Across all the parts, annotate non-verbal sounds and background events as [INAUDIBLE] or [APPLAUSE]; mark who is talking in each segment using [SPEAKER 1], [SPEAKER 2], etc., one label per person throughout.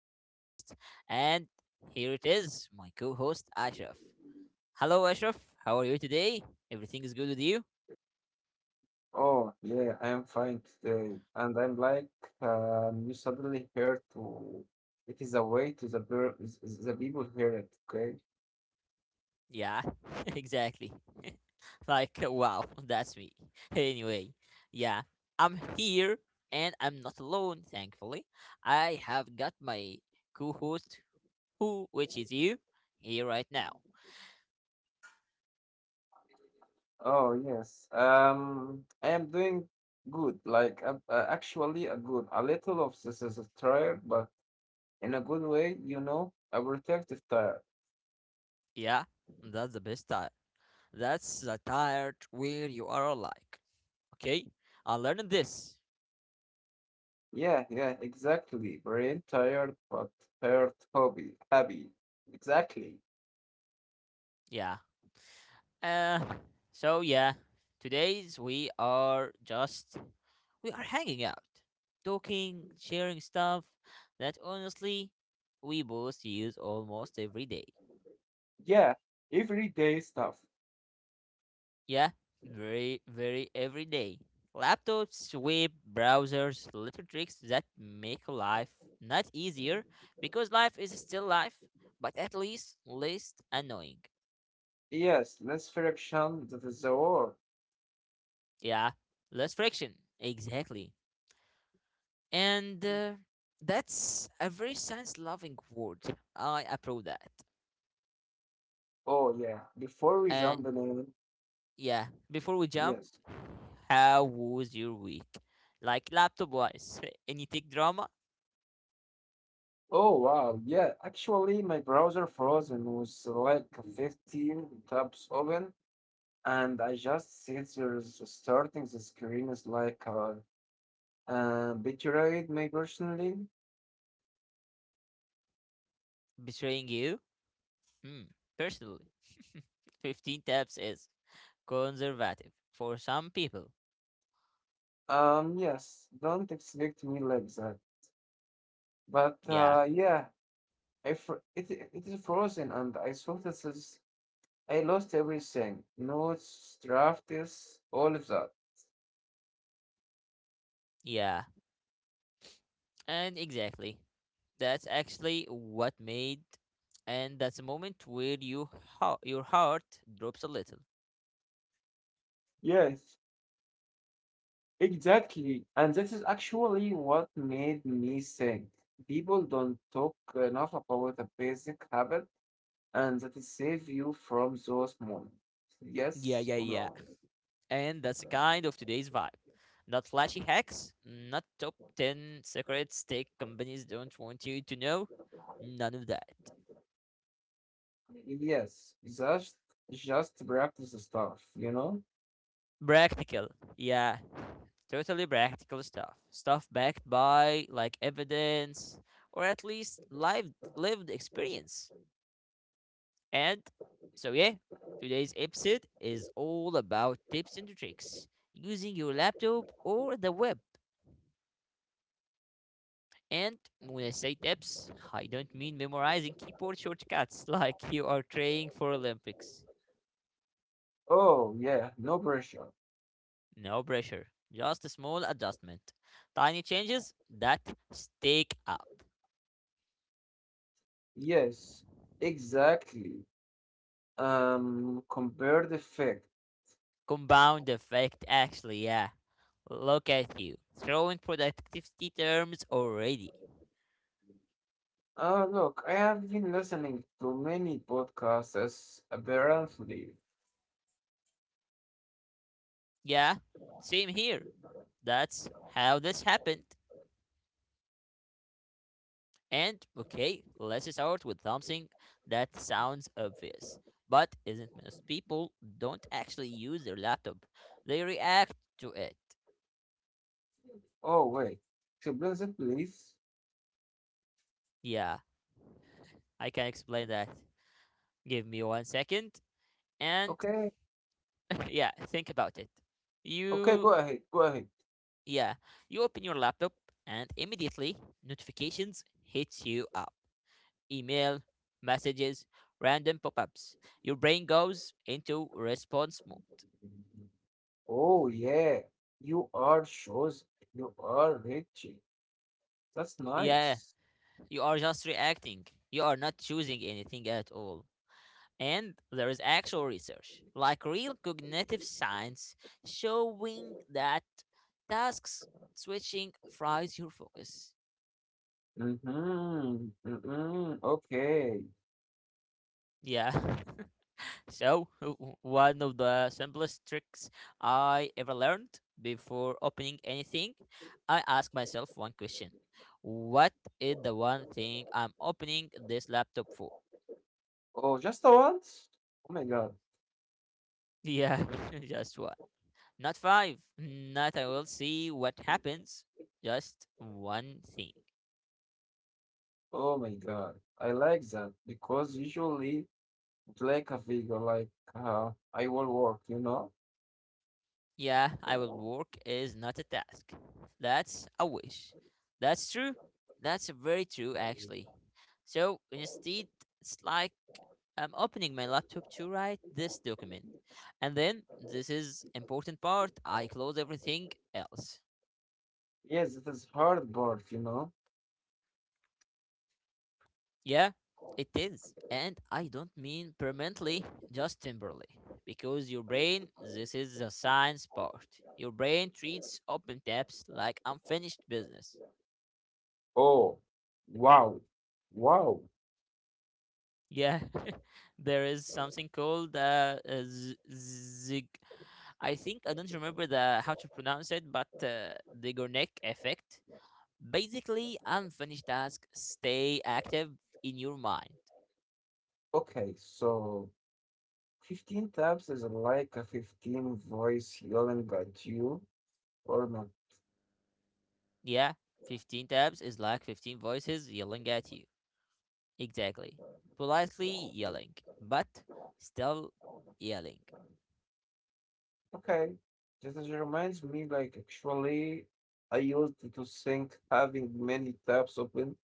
[SPEAKER 1] your host, and here it is, my co host, Ashraf. Hello, Ashraf. How are you today? Everything is good with you?
[SPEAKER 2] Oh, yeah, I am fine today. And I'm like, you suddenly heard to, it is a way to the, the people hear it, okay?
[SPEAKER 1] Yeah, [LAUGHS] exactly. [LAUGHS] Wow, that's me. [LAUGHS] Anyway, yeah, I'm here and I'm not alone, thankfully. I have got my co host, who, which is you, here right now.
[SPEAKER 2] Oh, yes. I am doing good. Like, actually, a good, a little of this is a tired, but in a good way, you know, a protective tired.
[SPEAKER 1] Yeah, that's the best time. That's the tired where you are like, okay? I learned this.
[SPEAKER 2] Yeah, yeah, exactly. Brain tired, but tired hobby, happy. Exactly.
[SPEAKER 1] Yeah. Uh, so yeah, today's we are just we are hanging out, talking, sharing stuff that honestly we both use almost every day.
[SPEAKER 2] Yeah, everyday stuff.
[SPEAKER 1] Yeah, very every day. Laptops, web browsers, little tricks that make life not easier because life is still life, but at least least annoying.
[SPEAKER 2] Yes, let's friction that is the war.
[SPEAKER 1] Yeah, less friction. Exactly. and that's a very science loving word. I approve that.
[SPEAKER 2] Oh yeah, before we
[SPEAKER 1] And
[SPEAKER 2] jump in,
[SPEAKER 1] yeah, before we jump,
[SPEAKER 2] yes.
[SPEAKER 1] how was your week, like laptop wise? [LAUGHS] Any tech drama
[SPEAKER 2] Oh wow, yeah. Actually, my browser froze and was like 15 tabs open, and I just see there's starting the screen is like betrayed me personally.
[SPEAKER 1] betraying you? Hmm, personally. [LAUGHS] 15 tabs is conservative for some people.
[SPEAKER 2] Yes, don't expect me like that. But
[SPEAKER 1] yeah
[SPEAKER 2] yeah, it is frozen, and I thought this is I lost everything. Notes, drafts, all of that.
[SPEAKER 1] yeah and exactly, that's actually what made— and that's a moment where you your heart drops a little.
[SPEAKER 2] Yes, exactly. And that is actually what made me think. People don't talk enough about the basic habit and that is save you from those moments.
[SPEAKER 1] yeah
[SPEAKER 2] Yes
[SPEAKER 1] yeah
[SPEAKER 2] or
[SPEAKER 1] yeah
[SPEAKER 2] no?
[SPEAKER 1] And that's kind of today's vibe. Not flashy hacks, not top 10 secrets tech companies don't want you to know, none of that.
[SPEAKER 2] Yes, just practice the stuff, you know?
[SPEAKER 1] Practical, yeah, totally practical stuff. Stuff backed by like evidence or at least lived experience. And so yeah, today's episode is all about tips and tricks using your laptop or the web. And when I say tips, I don't mean memorizing keyboard shortcuts [LAUGHS] like you are training for Olympics.
[SPEAKER 2] Oh yeah, no pressure.
[SPEAKER 1] No pressure, just a small adjustment. Tiny changes that stick up.
[SPEAKER 2] Yes, exactly. Compare the fact.
[SPEAKER 1] Compound effect, actually, yeah. Look at you, throwing productivity terms already.
[SPEAKER 2] Oh, look, I have been listening to many podcasts apparently.
[SPEAKER 1] Yeah, same here. That's how this happened. And okay, let's start with something that sounds obvious, but isn't. Most people don't actually use their laptop. They react to it.
[SPEAKER 2] Oh, wait. Explain that, please.
[SPEAKER 1] Yeah, I can explain that. Give me 1 second and
[SPEAKER 2] Okay.
[SPEAKER 1] [LAUGHS] yeah, think about it.
[SPEAKER 2] Okay,
[SPEAKER 1] You
[SPEAKER 2] go ahead. Go ahead.
[SPEAKER 1] yeah, you open your laptop and immediately notifications hits you up. Email, messages, random pop-ups. Your brain goes into response mode.
[SPEAKER 2] Oh, yeah. You are shows. You are rich. That's
[SPEAKER 1] Yeah,
[SPEAKER 2] nice.
[SPEAKER 1] you are just reacting. You are not choosing anything at all. And there is actual research, like real cognitive science, showing that tasks switching fries your focus.
[SPEAKER 2] Mm-hmm. Mm-hmm. Okay.
[SPEAKER 1] Yeah. [LAUGHS] So, one of the simplest tricks I ever learned, before opening anything, I ask myself one question. What is the one thing I'm opening this laptop for?
[SPEAKER 2] Oh, just the once? Oh, my God.
[SPEAKER 1] Yeah, [LAUGHS] just one. Not five. Not I will see what happens. Just one thing.
[SPEAKER 2] Oh, my God. I like that because usually it's like a figure, like I will work, you know?
[SPEAKER 1] Yeah, I will work is not a task. That's a wish. That's true. That's very true, actually. So instead, it's like I'm opening my laptop to write this document. And then this is important part. I close everything else.
[SPEAKER 2] Yes, it is hard part, you know.
[SPEAKER 1] Yeah, it is. And I don't mean permanently, just temporarily. Because your brain, this is the science part. Your brain treats open tabs like unfinished business.
[SPEAKER 2] Oh, wow. Wow.
[SPEAKER 1] Yeah, [LAUGHS] there is something called zig. I think I don't remember the how to pronounce it, but the Gornick effect. Basically, unfinished tasks stay active in your mind.
[SPEAKER 2] Okay, so 15 taps is like a 15 voice yelling at you or not.
[SPEAKER 1] Yeah, 15 tabs is like 15 voices yelling at you. Exactly. Politely yelling, but still yelling.
[SPEAKER 2] Okay, just as it reminds me, like actually, I used to think having many tabs open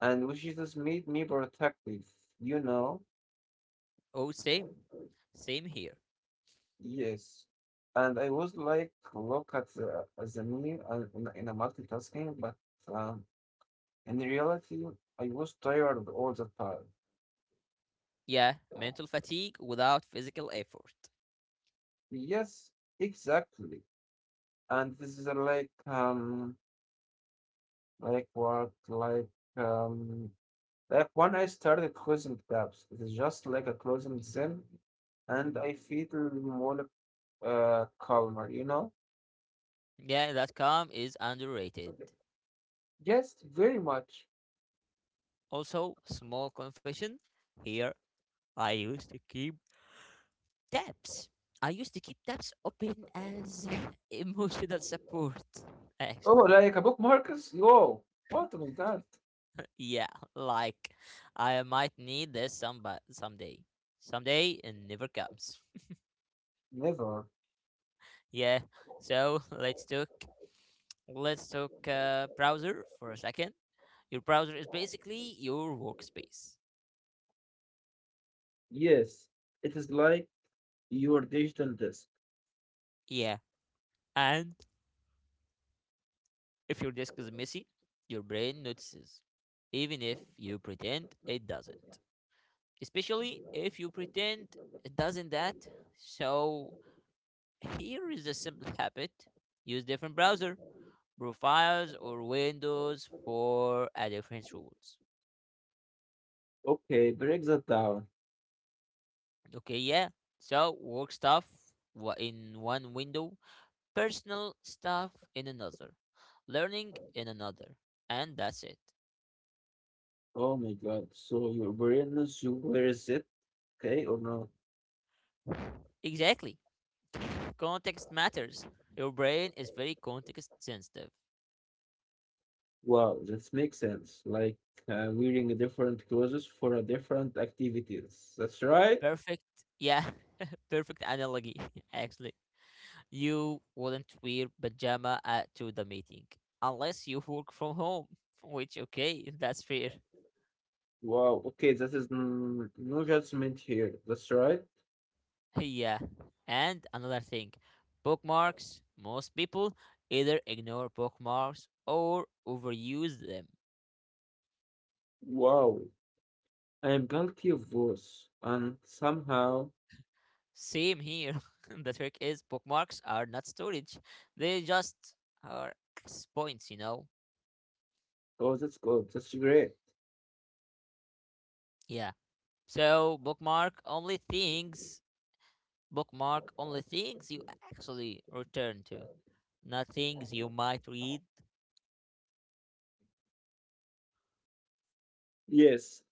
[SPEAKER 2] and which just made me protective, you know?
[SPEAKER 1] Oh, same. Same here.
[SPEAKER 2] Yes. And I was like, look at the, as a me in, a multitasking, but um, in reality, I was tired all the time.
[SPEAKER 1] Yeah, mental fatigue without physical effort.
[SPEAKER 2] Yes, exactly. And this is like what like um like when I started closing tabs, it's just like a closing them and I feel more calmer, you know?
[SPEAKER 1] Yeah, that calm is underrated.
[SPEAKER 2] Yes, very much.
[SPEAKER 1] Also, small confession here. I used to keep tabs. I used to keep tabs open as [LAUGHS] emotional support,
[SPEAKER 2] Oh,
[SPEAKER 1] actually.
[SPEAKER 2] like a book Marcus? Whoa, what was that?
[SPEAKER 1] Yeah, like I might need this someday. Someday it never comes.
[SPEAKER 2] Never.
[SPEAKER 1] Yeah. So let's talk. Let's talk browser for a second. Your browser is basically your workspace.
[SPEAKER 2] Yes, it is like your digital disk.
[SPEAKER 1] Yeah. And if your disk is messy, your brain notices, even if you pretend it doesn't. Especially if you pretend it doesn't that. So here is a simple habit: use different browser profiles or windows for a different rules.
[SPEAKER 2] Okay, break that down.
[SPEAKER 1] Okay, yeah. So work stuff in one window, personal stuff in another, learning in another, and that's it.
[SPEAKER 2] Oh my God. So your awareness, you wear it, okay, or not?
[SPEAKER 1] Exactly. Context matters. Your brain is very context sensitive.
[SPEAKER 2] Wow, that makes sense. Like wearing a different clothes for a different activities. That's right.
[SPEAKER 1] Perfect. Yeah, [LAUGHS] perfect analogy, [LAUGHS] actually. You wouldn't wear pajama at, to the meeting unless you work from home, [LAUGHS] which, okay, that's fair.
[SPEAKER 2] Wow. Okay, that is no judgment here. That's right.
[SPEAKER 1] [LAUGHS] yeah. And another thing, bookmarks. Most people either ignore bookmarks or overuse them.
[SPEAKER 2] Wow. I am guilty of those, and somehow,
[SPEAKER 1] Same here. [LAUGHS] The trick is bookmarks are not storage. They just are access points, you know?
[SPEAKER 2] oh, that's good. That's great.
[SPEAKER 1] Yeah. So bookmark only things you actually return to. Not things you might read.
[SPEAKER 2] Yes,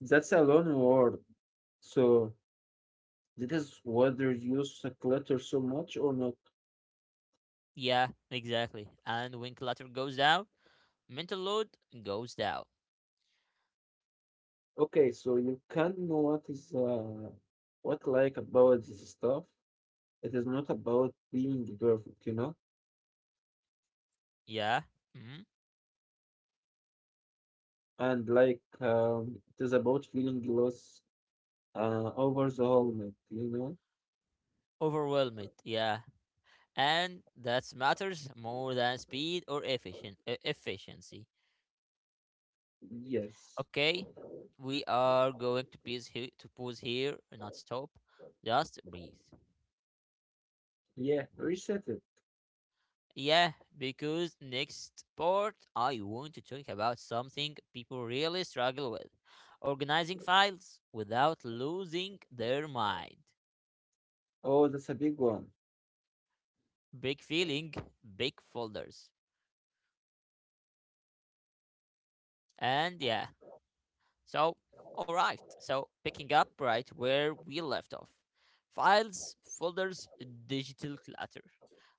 [SPEAKER 2] that's a loan word. So, this is whether you use a clutter so much or not.
[SPEAKER 1] Yeah, exactly. And when clutter goes down, mental load goes down.
[SPEAKER 2] Okay, so you can know what is what like about this stuff. It is not about being perfect, you know,
[SPEAKER 1] Yeah. Hmm?
[SPEAKER 2] and it is about feeling loss over the helmet, you know.
[SPEAKER 1] Overwhelmed, yeah. And that matters more than speed or efficiency.
[SPEAKER 2] Yes,
[SPEAKER 1] Okay, we are going to pause here, not stop, just breathe.
[SPEAKER 2] yeah, reset it.
[SPEAKER 1] Yeah, because next part I want to talk about something people really struggle with: organizing files without losing their mind.
[SPEAKER 2] Oh, that's a big one.
[SPEAKER 1] Big feeling, big folders, and yeah, so, all right. So, picking up right where we left off: files, folders, digital clutter.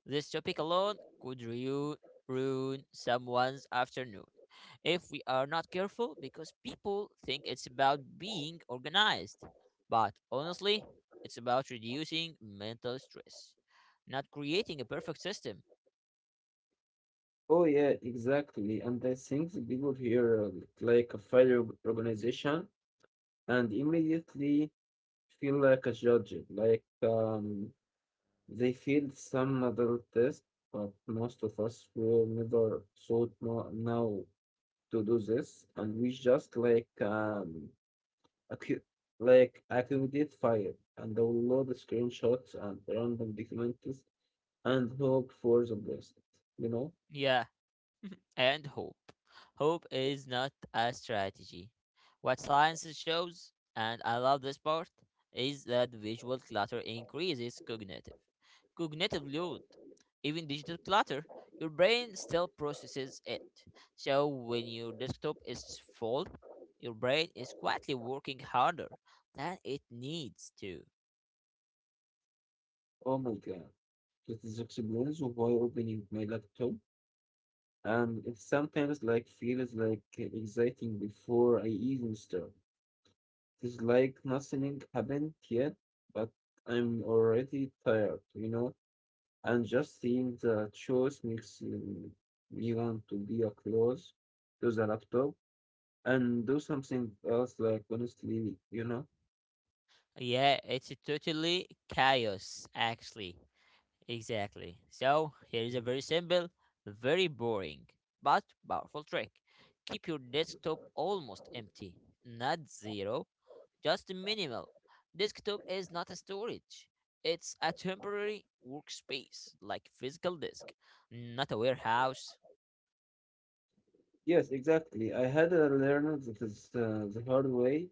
[SPEAKER 1] This topic alone could ruin someone's afternoon if we are not careful because people think it's about being organized. But honestly, it's about reducing mental stress, not creating a perfect system.
[SPEAKER 2] Oh yeah, exactly. And I think the people here like a fire organization and immediately feel like a judge, they failed some other tests, but most of us were never thought now to do this, and we just accu- like accumulate fire and download screenshots and random documents and hope for the best. You know?
[SPEAKER 1] Yeah, and hope. Hope is not a strategy. What science shows, and I love this part, is that visual clutter increases cognitive. Cognitive load, even digital clutter, your brain still processes it. So when your desktop is full, your brain is quietly working harder than it needs to.
[SPEAKER 2] Oh my god. This is experience while opening my laptop, and it sometimes like feels like exciting before I even start. It's like nothing happened yet, but I'm already tired, you know, and just seeing the choice makes me want to be a close to the laptop and do something else, like honestly, you know.
[SPEAKER 1] Yeah, it's a totally chaos actually. Exactly. So, here is a very simple, very boring, but powerful trick. Keep your desktop almost empty, not zero, just minimal. Desktop is not a storage, it's a temporary workspace, like physical disk, not a warehouse.
[SPEAKER 2] Yes, exactly. I had a learner that is the hard way,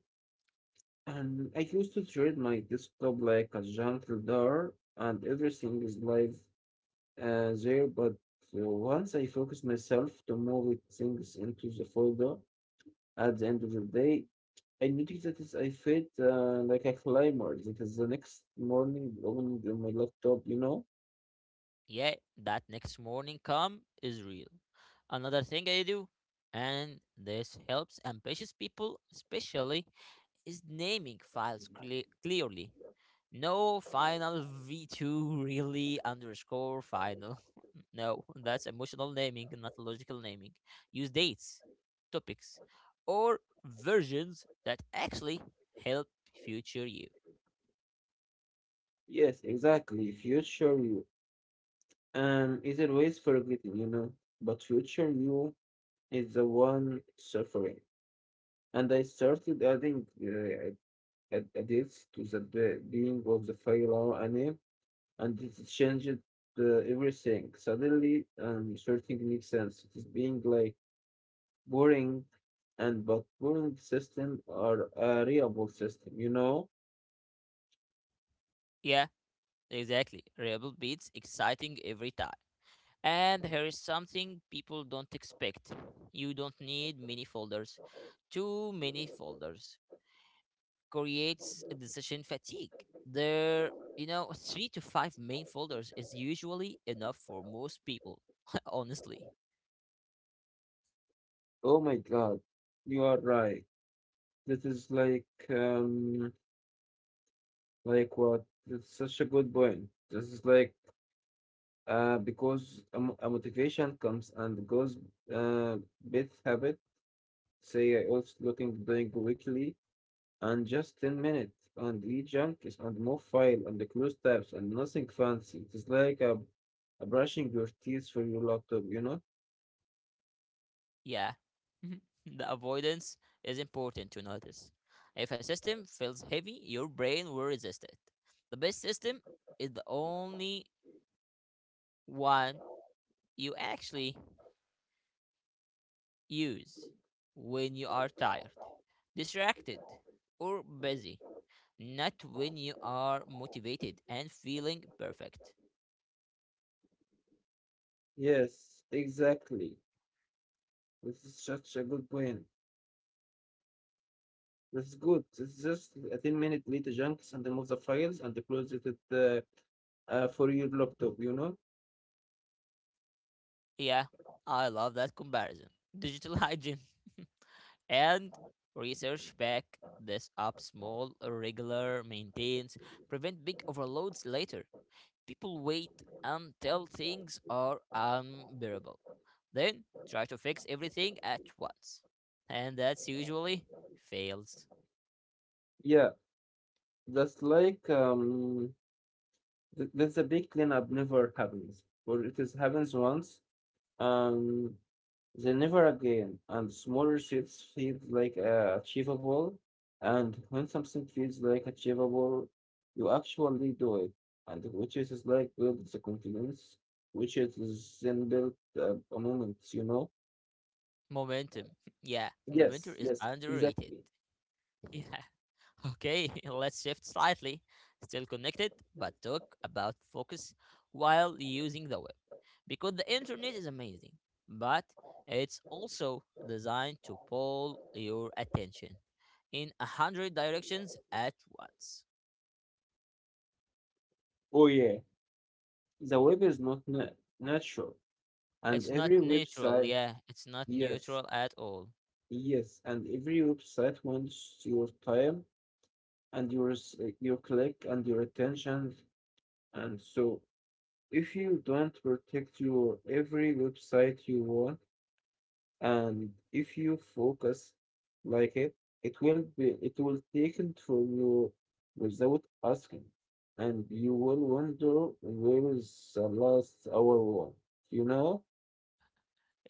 [SPEAKER 2] and I used to treat my desktop like a junk drawer, and everything is live there, but once I focus myself to move it things into the folder at the end of the day, I noticed I felt like a climber because the next morning opening on my laptop, you know?
[SPEAKER 1] Yeah, that next morning come is real. Another thing I do, and this helps ambitious people especially, is naming files clearly. No final v2 really underscore final. [LAUGHS] No, that's emotional naming, not logical naming. Use dates, topics, or versions that actually help future you.
[SPEAKER 2] Yes, exactly. Future you. Is always forgetting, you know? But future you is the one suffering. And I started adding edits to the being of the file or anime and it changed uh, everything. Suddenly, searching makes sense. It is being like boring, and but boring system are a reliable system. You know?
[SPEAKER 1] Yeah, exactly. Rebel beats exciting every time. And here is something people don't expect. You don't need many folders. Too many folders creates a decision fatigue. There, you know, [LAUGHS] 3 to 5 main folders is usually enough for most people, [LAUGHS] honestly.
[SPEAKER 2] Oh my God, you are right. This is like what? It's such a good point. This is like because a, a motivation comes and goes. Uh, bit habit. Say I also looking doing weekly and just 10 minutes. And eat junkies and move file and the close tabs and nothing fancy. It is like a brushing your teeth for your laptop, you know?
[SPEAKER 1] Yeah. [LAUGHS] The avoidance is important to notice. If a system feels heavy, your brain will resist it. The best system is the only one you actually use when you are tired, distracted, or busy, not when you are motivated and feeling perfect.
[SPEAKER 2] Yes, exactly. This is such a good point. This is good. It's just a 10 minute later junkies and remove the files and close it uh, for your laptop, you know?
[SPEAKER 1] Yeah, I love that comparison. Digital hygiene. [LAUGHS] And research back this up. Small, regular maintenance prevent big overloads later. People wait until things are unbearable. Then try to fix everything at once. And that's usually fails.
[SPEAKER 2] Yeah, that's that's a big cleanup never happens. Or it is happens once. Um Then never again, and smaller shifts feel like achievable. And when something feels like achievable, you actually do it. And which is like build the confidence, which is then built a moment, you know?
[SPEAKER 1] Momentum. [LAUGHS] Yeah, momentum
[SPEAKER 2] Yes,
[SPEAKER 1] is
[SPEAKER 2] yes,
[SPEAKER 1] underrated.
[SPEAKER 2] exactly.
[SPEAKER 1] [LAUGHS] Yeah. Okay, [LAUGHS] let's shift slightly. Still connected, but talk about focus while using the web. Because the internet is amazing, but it's also designed to pull your attention in 100 directions at once.
[SPEAKER 2] Oh, yeah. The web is not natural. And
[SPEAKER 1] It's not
[SPEAKER 2] every
[SPEAKER 1] neutral,
[SPEAKER 2] website,
[SPEAKER 1] yeah, it's not
[SPEAKER 2] yes,
[SPEAKER 1] neutral at all.
[SPEAKER 2] yes, and every website wants your time and your, your click and your attention. And so if you don't protect your every website you want, and if you focus like it will be it will take it from you without asking, and you will wonder where is the last hour one. You know?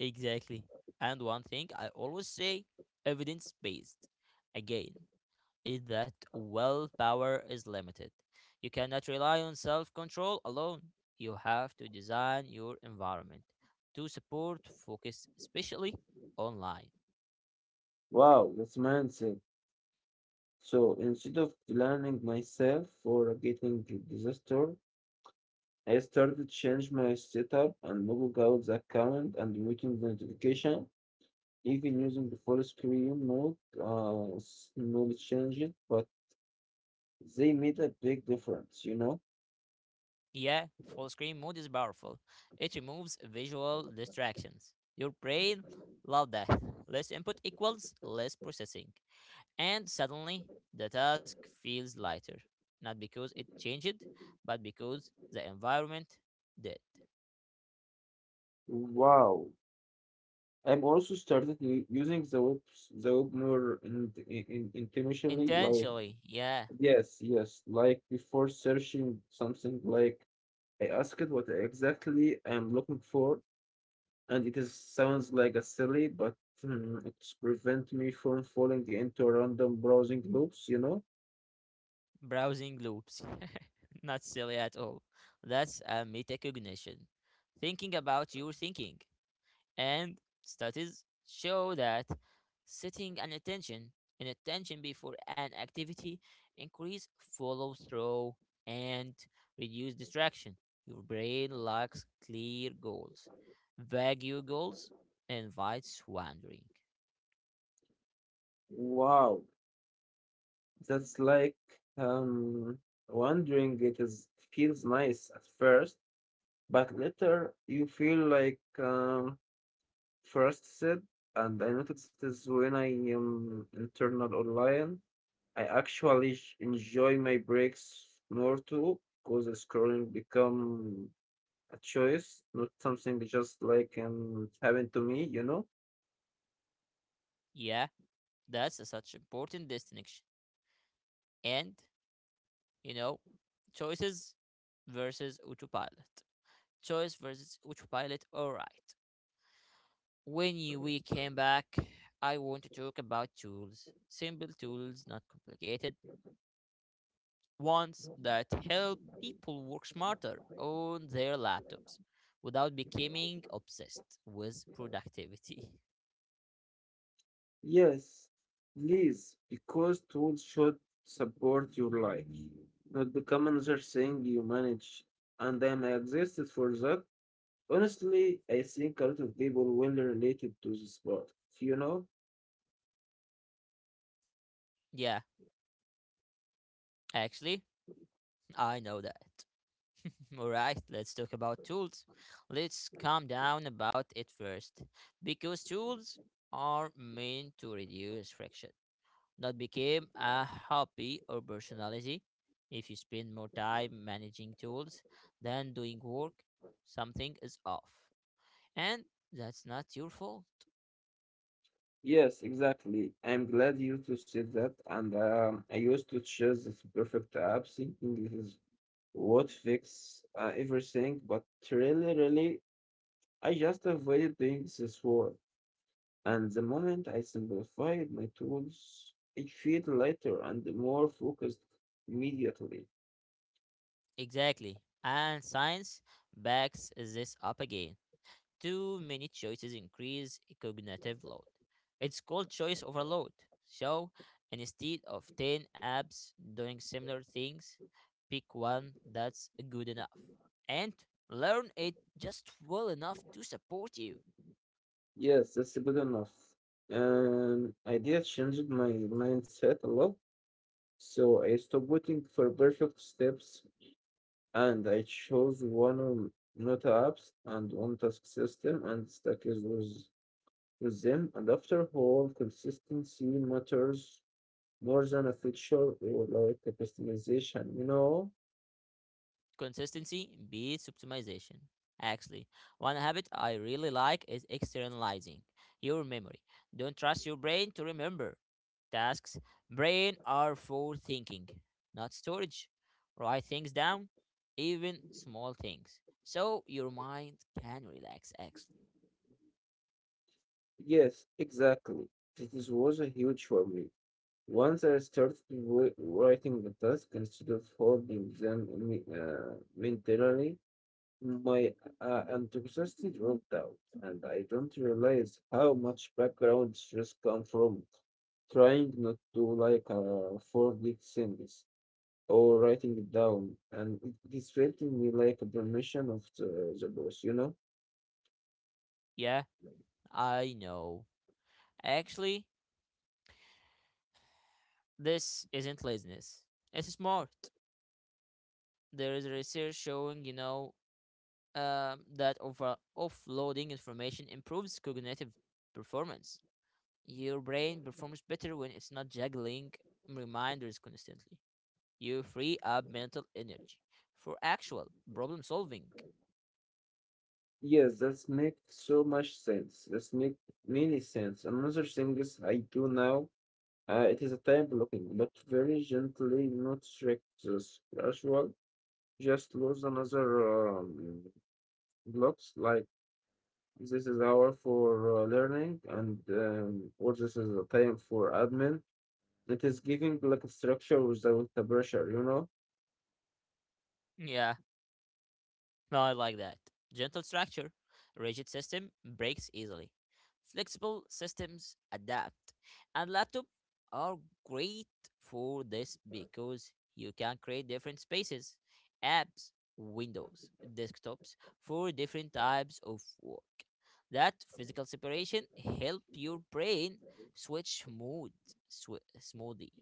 [SPEAKER 1] Exactly. And one thing I always say: evidence based. Again, is that willpower is limited. You cannot rely on self control alone. You have to design your environment to support focus, especially online.
[SPEAKER 2] Wow, that's mindset. So instead of blaming myself for getting the disaster, I started change my setup and log out the account and waiting the notification even using the full screen mode, slowly changed, but they made a big difference, you know?
[SPEAKER 1] Yeah, full screen mode is powerful. It removes visual distractions. Your brain loves that. Less input equals less processing. And suddenly, the task feels lighter. Not because it changed, but because the environment did.
[SPEAKER 2] Wow. I'm also started using the web, more intentionally, like,
[SPEAKER 1] Intentionally, yeah.
[SPEAKER 2] yes, yes, like before searching something, like I asked it what exactly I'm looking for, and it is sounds like a silly, but it's prevent me from falling into random browsing loops, you know?
[SPEAKER 1] Browsing loops. [LAUGHS] Not silly at all. That's a metacognition. Thinking about your thinking. And studies show that setting an attention before an activity, increase follow through and reduce distraction. Your brain lacks clear goals. Vague goals invites wandering.
[SPEAKER 2] Wow. That's um, wondering it is feels nice at first, but later you feel frustrated. And I noticed this when I am internal online. I actually enjoy my breaks more too because scrolling become a choice, not something just happened to me, you know.
[SPEAKER 1] Yeah, that's a such important distinction. And you know, choices versus autopilot. Choice versus autopilot. All right. We came back, I want to talk about tools. Simple tools, not complicated ones that help people work smarter on their laptops without becoming obsessed with productivity. [LAUGHS]
[SPEAKER 2] Yes, please, because tools should support your life, not become another thing you manage. And then I existed for that. Honestly, I think a lot of people will relate it to this part. You know?
[SPEAKER 1] Yeah, actually, I know that. [LAUGHS] All right, let's talk about tools. Let's calm down about it first, because tools are meant to reduce friction, not become a hobby or personality. If you spend more time managing tools than doing work, something is off, and that's not your fault.
[SPEAKER 2] Yes, exactly. I'm glad you to say that. And I used to choose this perfect app, thinking this is what fix everything. But really, really, I just avoided doing this work. And the moment I simplified my tools, I feel lighter and more focused immediately.
[SPEAKER 1] Exactly, and science backs this up again. Too many choices increase cognitive load. It's called choice overload. So instead of 10 apps doing similar things, pick one that's good enough and learn it just well enough to support you.
[SPEAKER 2] Yes, that's good enough. Idea changed my mindset a lot. So I stopped waiting for perfect steps and I chose one on Nota apps and one task system and stuck is with them. And after all, consistency matters more than a feature or like a customization, you know?
[SPEAKER 1] Consistency beats optimization. Actually, one habit I really like is externalizing your memory. Don't trust your brain to remember tasks. Brain are for thinking, not storage. Write things down, even small things, so your mind can relax. Actually,
[SPEAKER 2] Yes, exactly. This was a huge for me. Once I started writing the task instead of holding them mentally, my enthusiasm dropped out, and I don't realize how much background stress comes from trying not to like forget things or writing it down, and it is treating me like a permission of the boss, you know?
[SPEAKER 1] yeah, I know. Actually, this isn't laziness. It's smart. There is research showing, that over offloading information improves cognitive performance. Your brain performs better when it's not juggling reminders constantly. You free up mental energy for actual problem solving.
[SPEAKER 2] Yes, that's make so much sense. That's make many sense. Another thing is I do now. It is a time blocking, but very gently, not strict as usual. Just lose another. Blocks like this is hour for learning and or this is a time for admin it is giving like a structure without the pressure you know
[SPEAKER 1] Yeah, no, I like that. Gentle structure. Rigid system breaks easily. Flexible systems adapt. And laptop are great for this because you can create different spaces, apps, windows, desktops for different types of work. That physical separation help your brain switch mood swi smoothly.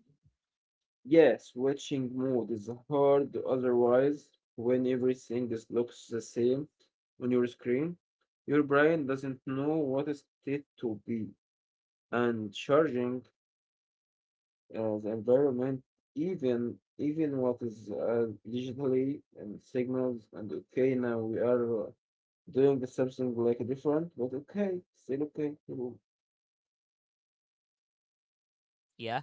[SPEAKER 2] yeah switching mode is hard otherwise when everything is looks the same on your screen your brain doesn't know what is it to be and charging the environment even what is digitally and signals and okay now we are doing something like different, but okay, still okay. Cool.
[SPEAKER 1] Yeah,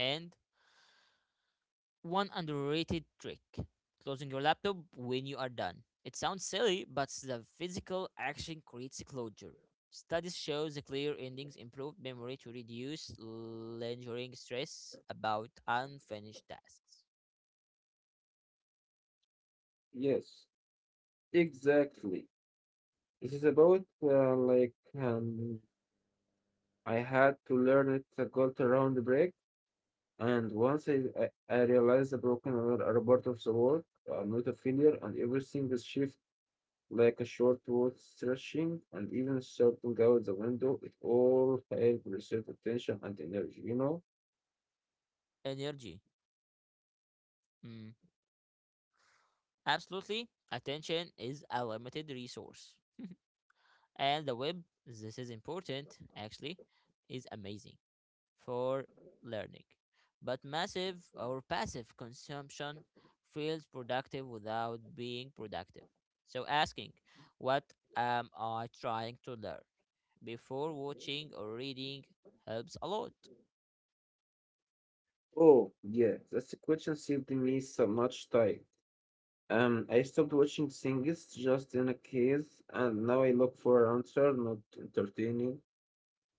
[SPEAKER 1] and one underrated trick closing your laptop when you are done. It sounds silly, but the physical action creates a closure. Studies show the clear endings improve memory to reduce lingering stress about unfinished tasks.
[SPEAKER 2] Yes, exactly. This is about um, I had to learn it. I got around the break, and once I realized the broken are a part of the world, not a failure, and everything is shift like a short word stretching, and even shouting out the window. It all helped reset attention and energy. You know.
[SPEAKER 1] Energy. Mm, absolutely, attention is a limited resource. And the web, this is important actually, is amazing for learning. But massive or passive consumption feels productive without being productive. So asking, what am I trying to learn before watching or reading helps a lot.
[SPEAKER 2] Oh yeah, that's the question saved me so much time. I stopped watching things just in a case, and now I look for an answer, not entertaining.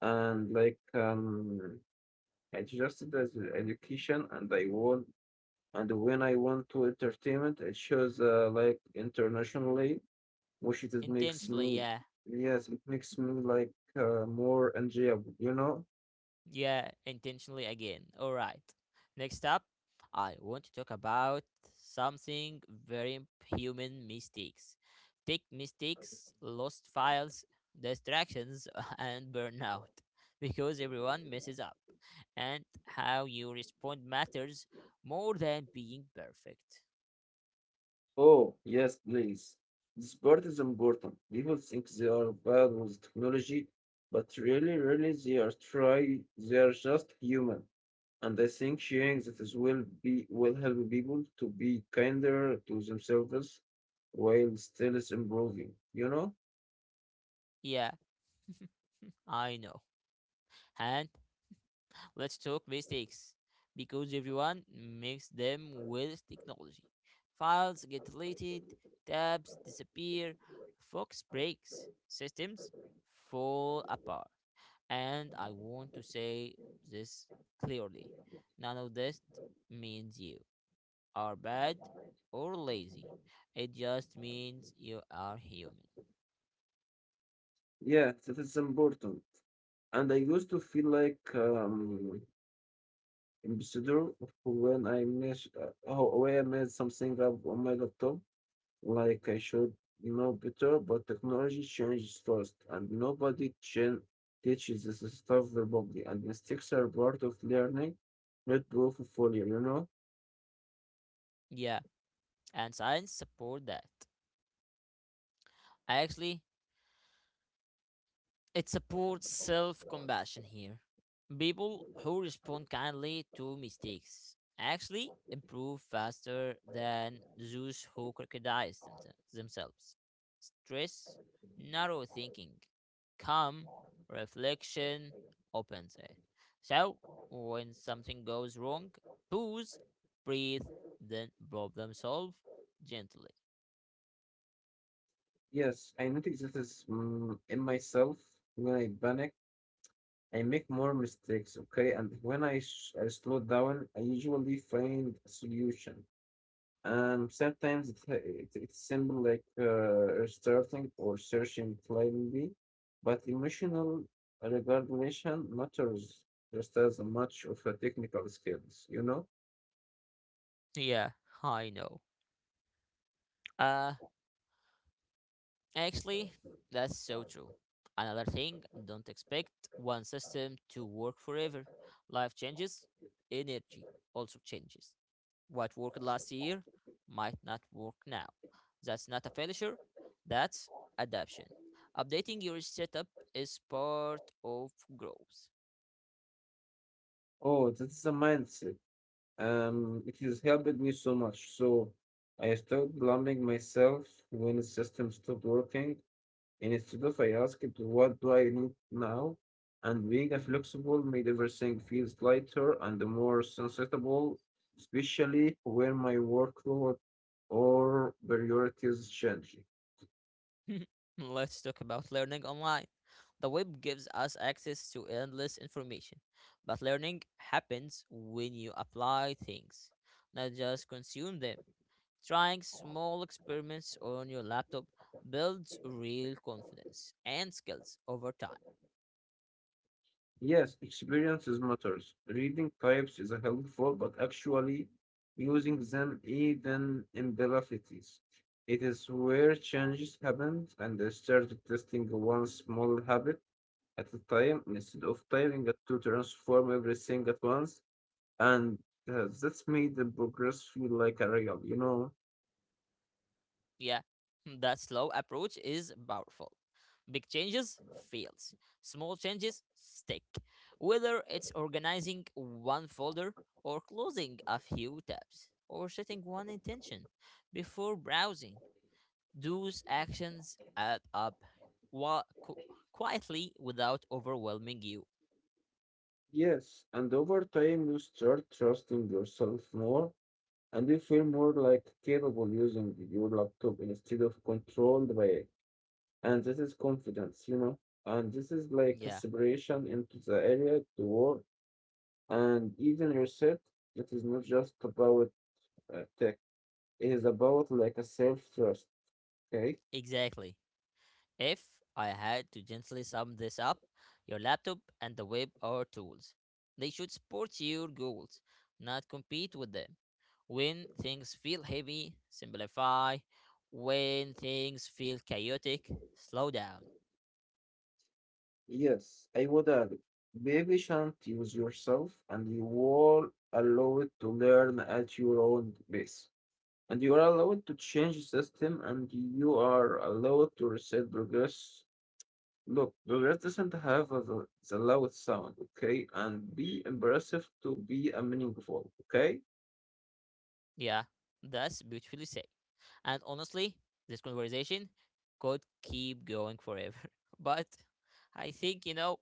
[SPEAKER 2] And like, I just as education, and I want, and when I want to entertainment, it shows like internationally, which it makes
[SPEAKER 1] Intentionally,
[SPEAKER 2] me,
[SPEAKER 1] yeah.
[SPEAKER 2] yes, it makes me like more enjoyable, you know?
[SPEAKER 1] Yeah, intentionally again. All right. Next up, I want to talk about something very imp- human mistakes. Tech mistakes, lost files, distractions, [LAUGHS] and burnout because everyone messes up. And how you respond matters more than being perfect.
[SPEAKER 2] Oh, yes, please. This part is important. People think they are bad with technology, but really, they are try. They are just human, and I think sharing that is will be will help people to be kinder to themselves while still is improving. You know?
[SPEAKER 1] Yeah, I know. And let's talk mistakes because everyone makes them with technology. Files get deleted, tabs disappear, Fox breaks, systems fall apart. And I want to say this clearly, none of this means you are bad or lazy. It just means you are human.
[SPEAKER 2] Yeah, that is important. And I used to feel like ambassador when I miss when I made something up on my laptop. Like I should know better, but technology changes fast, and nobody teaches this stuff verbally, and mistakes are part of learning, not proof of failure, you know?
[SPEAKER 1] Yeah, and science support that. Actually, it supports self compassion here. People who respond kindly to mistakes actually improve faster than those who themselves. Stress, narrow thinking, calm, reflection, open it. So, when something goes wrong, pause, breathe, then problem solve gently.
[SPEAKER 2] Yes, I notice that is in myself when I panic. I make more mistakes, okay? And when I slow down, I usually find a solution. And sometimes it's simple like restarting or searching blindly, but emotional regulation matters just as much of a technical skills, you know?
[SPEAKER 1] Yeah, I know. Uh, Actually, that's so true. Another thing, don't expect one system to work forever. Life changes, energy also changes. What worked last year might not work now. That's not a failure, that's adaptation. Updating your setup is part of growth.
[SPEAKER 2] Oh, that's a mindset. It has helped me so much. So I stopped blaming myself when the system stopped working. Instead of I asked, what do I need now? And being a flexible made everything feels lighter and more sensible, especially when my workload or priorities change.
[SPEAKER 1] [LAUGHS] Let's talk about learning online. The web gives us access to endless information, but learning happens when you apply things, not just consume them. Trying small experiments on your laptop builds real confidence and skills over time.
[SPEAKER 2] Yes, experiences matters. Reading types is helpful, but actually using them even in velocities. It is where changes happened and I started testing one small habit at a time, instead of tiring it to transform everything at once, and that's made the progress feel like a real, you know?
[SPEAKER 1] Yeah, [LAUGHS] the slow approach is powerful. Big changes fails. Small changes stick. Whether it's organizing one folder or closing a few tabs or setting one intention before browsing, those actions add up wa- qu- quietly without overwhelming you.
[SPEAKER 2] Yes, and over time you start trusting yourself more, and you feel more like capable using your laptop instead of controlled by it. And this is confidence, you know? And this is like a
[SPEAKER 1] Yeah,
[SPEAKER 2] separation into the area, the world, and even yourself. It is not just about tech, it is about like a self trust, okay?
[SPEAKER 1] exactly. If I had to gently sum this up, your laptop and the web are tools. They should support your goals, not compete with them. When things feel heavy, simplify. When things feel chaotic, slow down.
[SPEAKER 2] Yes, I would add, baby shan't use yourself and you are allowed to learn at your own pace. And you are allowed to change the system and you are allowed to reset progress. Look, progress doesn't have a, the loud sound, okay? And be impressive to be a meaningful, okay?
[SPEAKER 1] Yeah, that's beautifully said. And honestly, this conversation could keep going forever, [LAUGHS] but I think,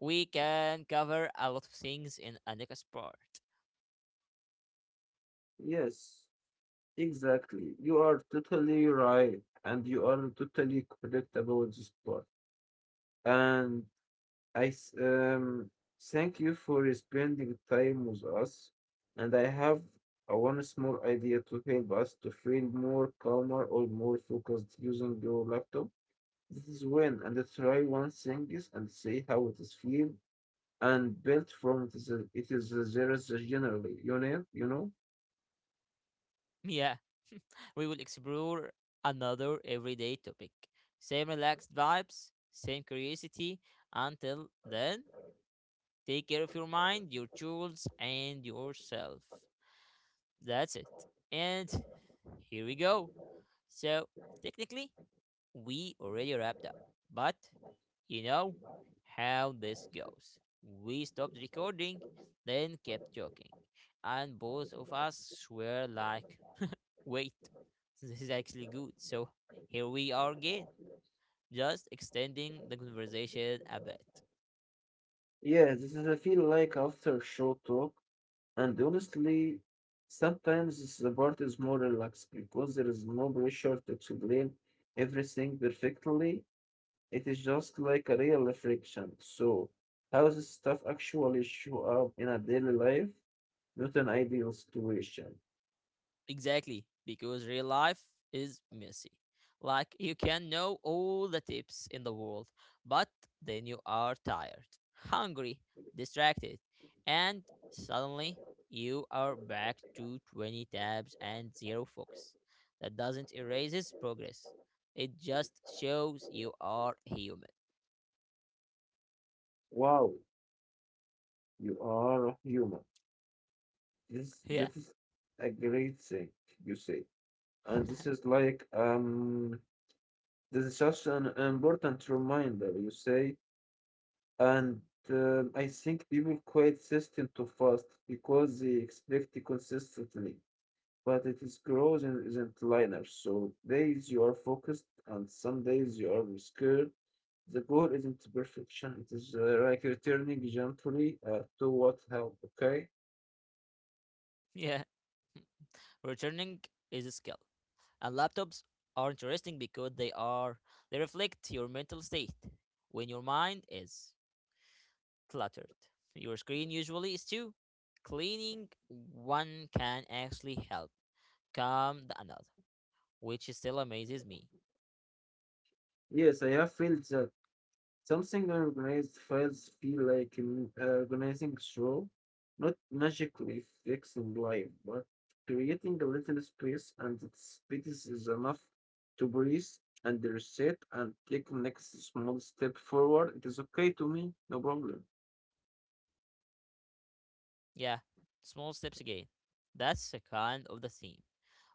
[SPEAKER 1] we can cover a lot of things in a next part. [LAUGHS]
[SPEAKER 2] Yes, exactly. You are totally right and you are totally correct about this part. And I s- um, thank you for spending time with us, and I have a one small idea to help us to feel more calmer or more focused using your laptop. This is when and try one thing is and see how it is feel and built from it is there is a generally you know.
[SPEAKER 1] Yeah, we will explore another everyday topic. Same relaxed vibes, same curiosity. Until then, take care of your mind, your tools, and yourself. That's it. And here we go. So, technically, we already wrapped up, but you know how this goes. We stopped recording, then kept talking, and both of us were like, wait, so this is actually good. So here we are again, just extending the conversation a bit.
[SPEAKER 2] Yeah, this is I feel like after short talk. And honestly, sometimes the part is more relaxed because there is no pressure to explain everything perfectly. It is just like a real reflection. So, how this stuff actually show up in a daily life, not an ideal situation.
[SPEAKER 1] Exactly, because real life is messy. Like you can know all the tips in the world, but then you are tired, hungry, distracted, and suddenly you are back to 20 tabs and zero focus. That doesn't erase its progress. It just shows you are human.
[SPEAKER 2] Wow, you are a human. This
[SPEAKER 1] Yeah.
[SPEAKER 2] this is a great thing, you say. And this is
[SPEAKER 1] [LAUGHS]
[SPEAKER 2] like this is just an important reminder, you say. And I think people quit system too fast because they expect it consistently. But it is growth and isn't linear. So days you are focused and some days you are scared. The goal isn't perfection. It is like returning gently to what helped. Okay.
[SPEAKER 1] Yeah. Returning is a skill, and laptops are interesting because they reflect your mental state. When your mind is cluttered, your screen usually is too. Cleaning one can actually help calm the another, which still amazes me.
[SPEAKER 2] Yes, I have felt that. Something organized files feel like an organizing show, not magically fixing life, but creating a little space, and that space is enough to breathe and reset and take next small step forward. It is okay to me, no problem.
[SPEAKER 1] Yeah, small steps again. That's a kind of the theme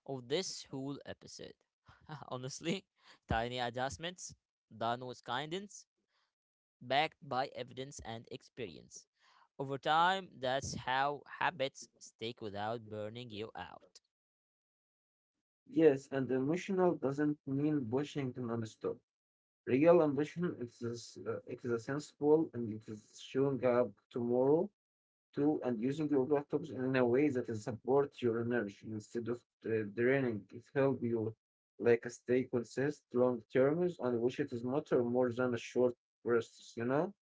[SPEAKER 1] of this whole episode. [LAUGHS] Honestly, tiny adjustments done with kindness backed by evidence and experience. Over time, that's how habits stick without burning you out.
[SPEAKER 2] Yes, and emotional doesn't mean pushing non-stop. Real ambition is this, it is a sensible and it is showing up tomorrow to and using your laptops in a way that is supports your energy instead of draining it help you like stay consistent long terms and which it is matter more than a short bursts, you know?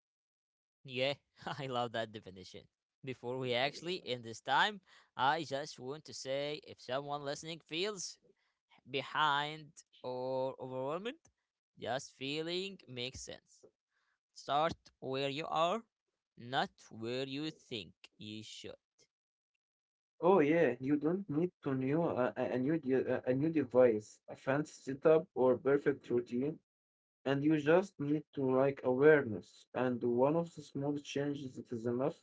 [SPEAKER 1] Yeah, [LAUGHS] I love that definition. Before we actually end this time, I just want to say if someone listening feels behind or overwhelmed, just feeling makes sense. Start where you are, not where you think you should.
[SPEAKER 2] Oh yeah, you don't need to new a new de- a new device, a fancy setup or perfect routine, and you just need to like awareness and one of the small changes that is enough.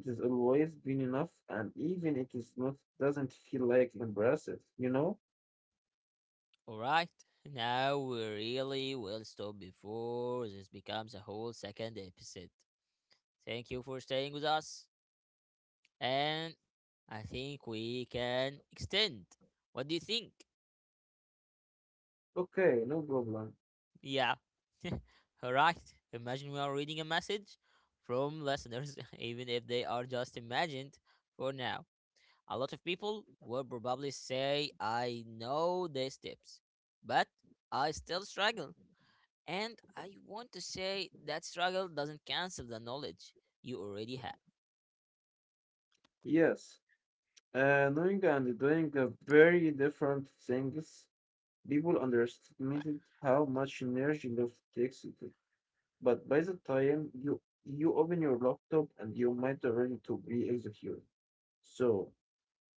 [SPEAKER 2] It is always been enough and even it is not doesn't feel like impressive, you know?
[SPEAKER 1] Alright, now we really will stop before this becomes a whole second episode. Thank you for staying with us, and I think we can extend. What do you think?
[SPEAKER 2] Okay, no problem.
[SPEAKER 1] Yeah. [LAUGHS] Alright, imagine we are reading a message from listeners, [LAUGHS] even if they are just imagined for now. A lot of people will probably say, I know these tips, but I still struggle. And I want to say that struggle doesn't cancel the knowledge you already have.
[SPEAKER 2] Yes, knowing and doing very different things, people underestimated how much energy love takes. It. But by the time you open your laptop and you might already to be executed. So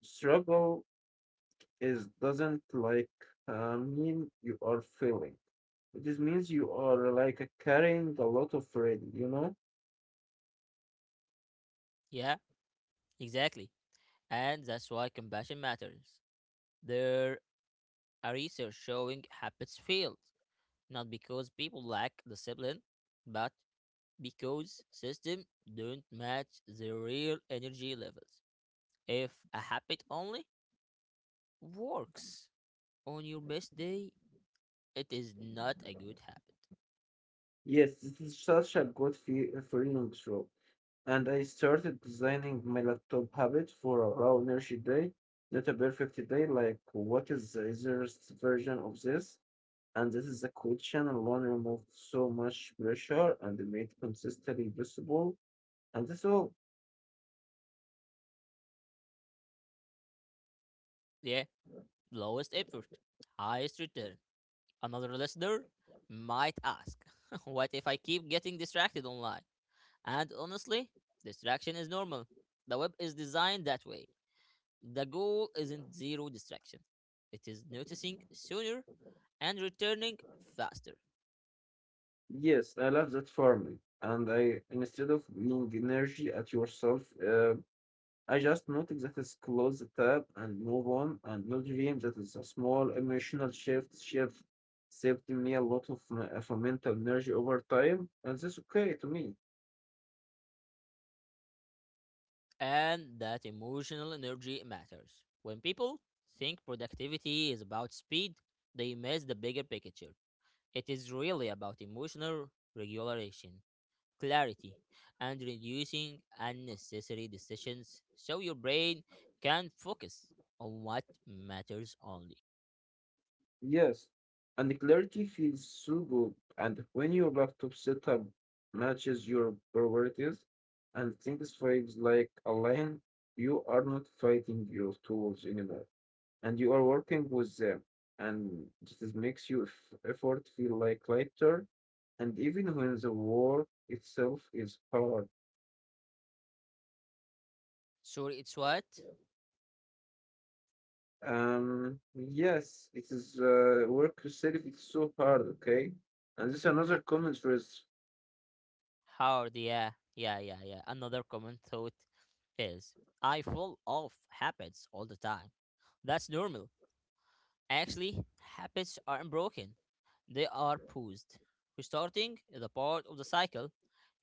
[SPEAKER 2] struggle is doesn't like mean you are failing. This means you are like carrying a lot of red, you know?
[SPEAKER 1] Yeah, exactly. And that's why compassion matters. There are research showing habits failed, not because people lack discipline, but because systems don't match their real energy levels. If a habit only works on your best day, it is not a good habit.
[SPEAKER 2] Yes, this is such a good fe feeling, true. And I started designing my laptop habit for a low energy day, not a perfect day. Like, what is the easiest version of this? And this is a quick channel one removed so much pressure and made consistently visible. And so,
[SPEAKER 1] Yeah, lowest effort, highest return. Another listener might ask, [LAUGHS] what if I keep getting distracted online? And honestly, distraction is normal. The web is designed that way. The goal isn't zero distraction, it is noticing sooner and returning faster.
[SPEAKER 2] yes, I love that for me. And I, instead of being energy at yourself, I just noticed that is close the tab and move on and not dream that is a small emotional shift saved me a lot of my mental energy over time and that's okay to me.
[SPEAKER 1] And that emotional energy matters. When people think productivity is about speed, they miss the bigger picture. It is really about emotional regulation, clarity, and reducing unnecessary decisions so your brain can focus on what matters only.
[SPEAKER 2] Yes. And the clarity feels so good and when your laptop setup matches your priorities and things feels like aligned, you are not fighting your tools anymore. And you are working with them and this makes your effort feel like lighter and even when the work itself is hard.
[SPEAKER 1] Sorry, it's what?
[SPEAKER 2] Yes, it is work itself it's so hard, okay. And this another
[SPEAKER 1] H-
[SPEAKER 2] comment was
[SPEAKER 1] Hard, yeah, yeah, yeah, yeah. Another common thought is I fall off habits all the time. That's normal. Actually, habits aren't broken, they are paused. Restarting is a part of the cycle.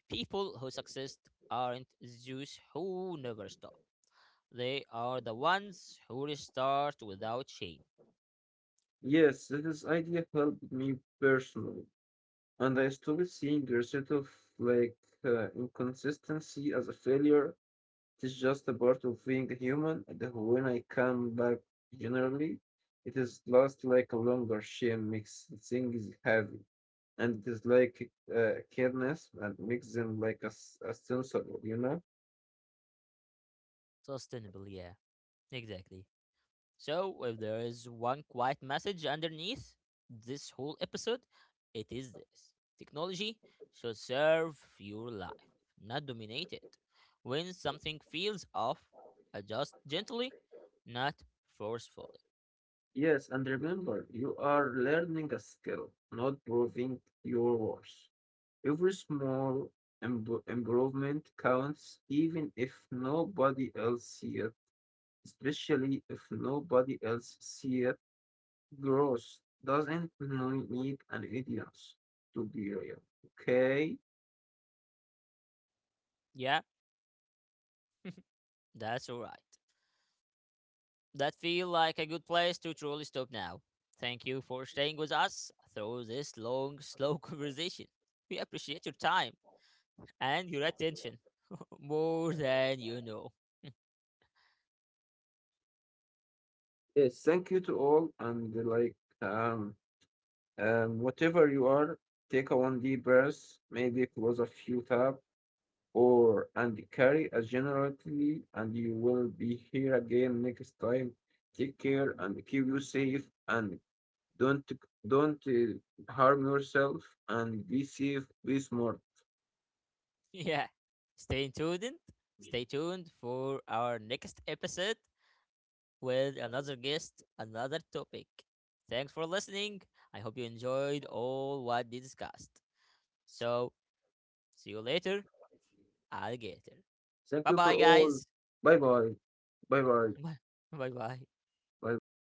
[SPEAKER 1] People who succeed aren't those who never stop. They are the ones who restart without shame.
[SPEAKER 2] yes, this idea helped me personally and I stopped seeing a sort of like inconsistency as a failure. It is just a part of being human that when I come back generally, it is lost like a longer shame makes things heavy. And it is like kindness and makes them like a sensible, you know?
[SPEAKER 1] Sustainable, yeah, exactly. So, if there is one quiet message underneath this whole episode, it is this technology should serve your life, not dominate it. When something feels off, adjust gently, not forcefully.
[SPEAKER 2] Yes, and remember, you are learning a skill, not proving your worth. Every small improvement counts, even if nobody else sees it, especially if nobody else sees it. Growth doesn't really need an audience to be real. Okay.
[SPEAKER 1] Yeah, that's right. That feel like a good place to truly stop now. Thank you for staying with us through this long, [LAUGHS] slow conversation. We appreciate your time and your attention [LAUGHS] more than you know.
[SPEAKER 2] Yes. Thank you to all and like um whatever you are, take a one deep breath, maybe close a few tab or and carry a generally and you will be here again next time. Take care and keep you safe and don't don't harm yourself and be safe, be smart.
[SPEAKER 1] [LAUGHS] Yeah. Stay tuned. Stay tuned for our next episode with another guest, another topic. Thanks for listening. I hope you enjoyed all what we discussed. So, see you later, alligator.
[SPEAKER 2] Thank
[SPEAKER 1] Bye
[SPEAKER 2] you for
[SPEAKER 1] bye,
[SPEAKER 2] all.
[SPEAKER 1] guys.
[SPEAKER 2] Bye bye. Bye bye.
[SPEAKER 1] [LAUGHS] Bye bye.
[SPEAKER 2] Bye bye.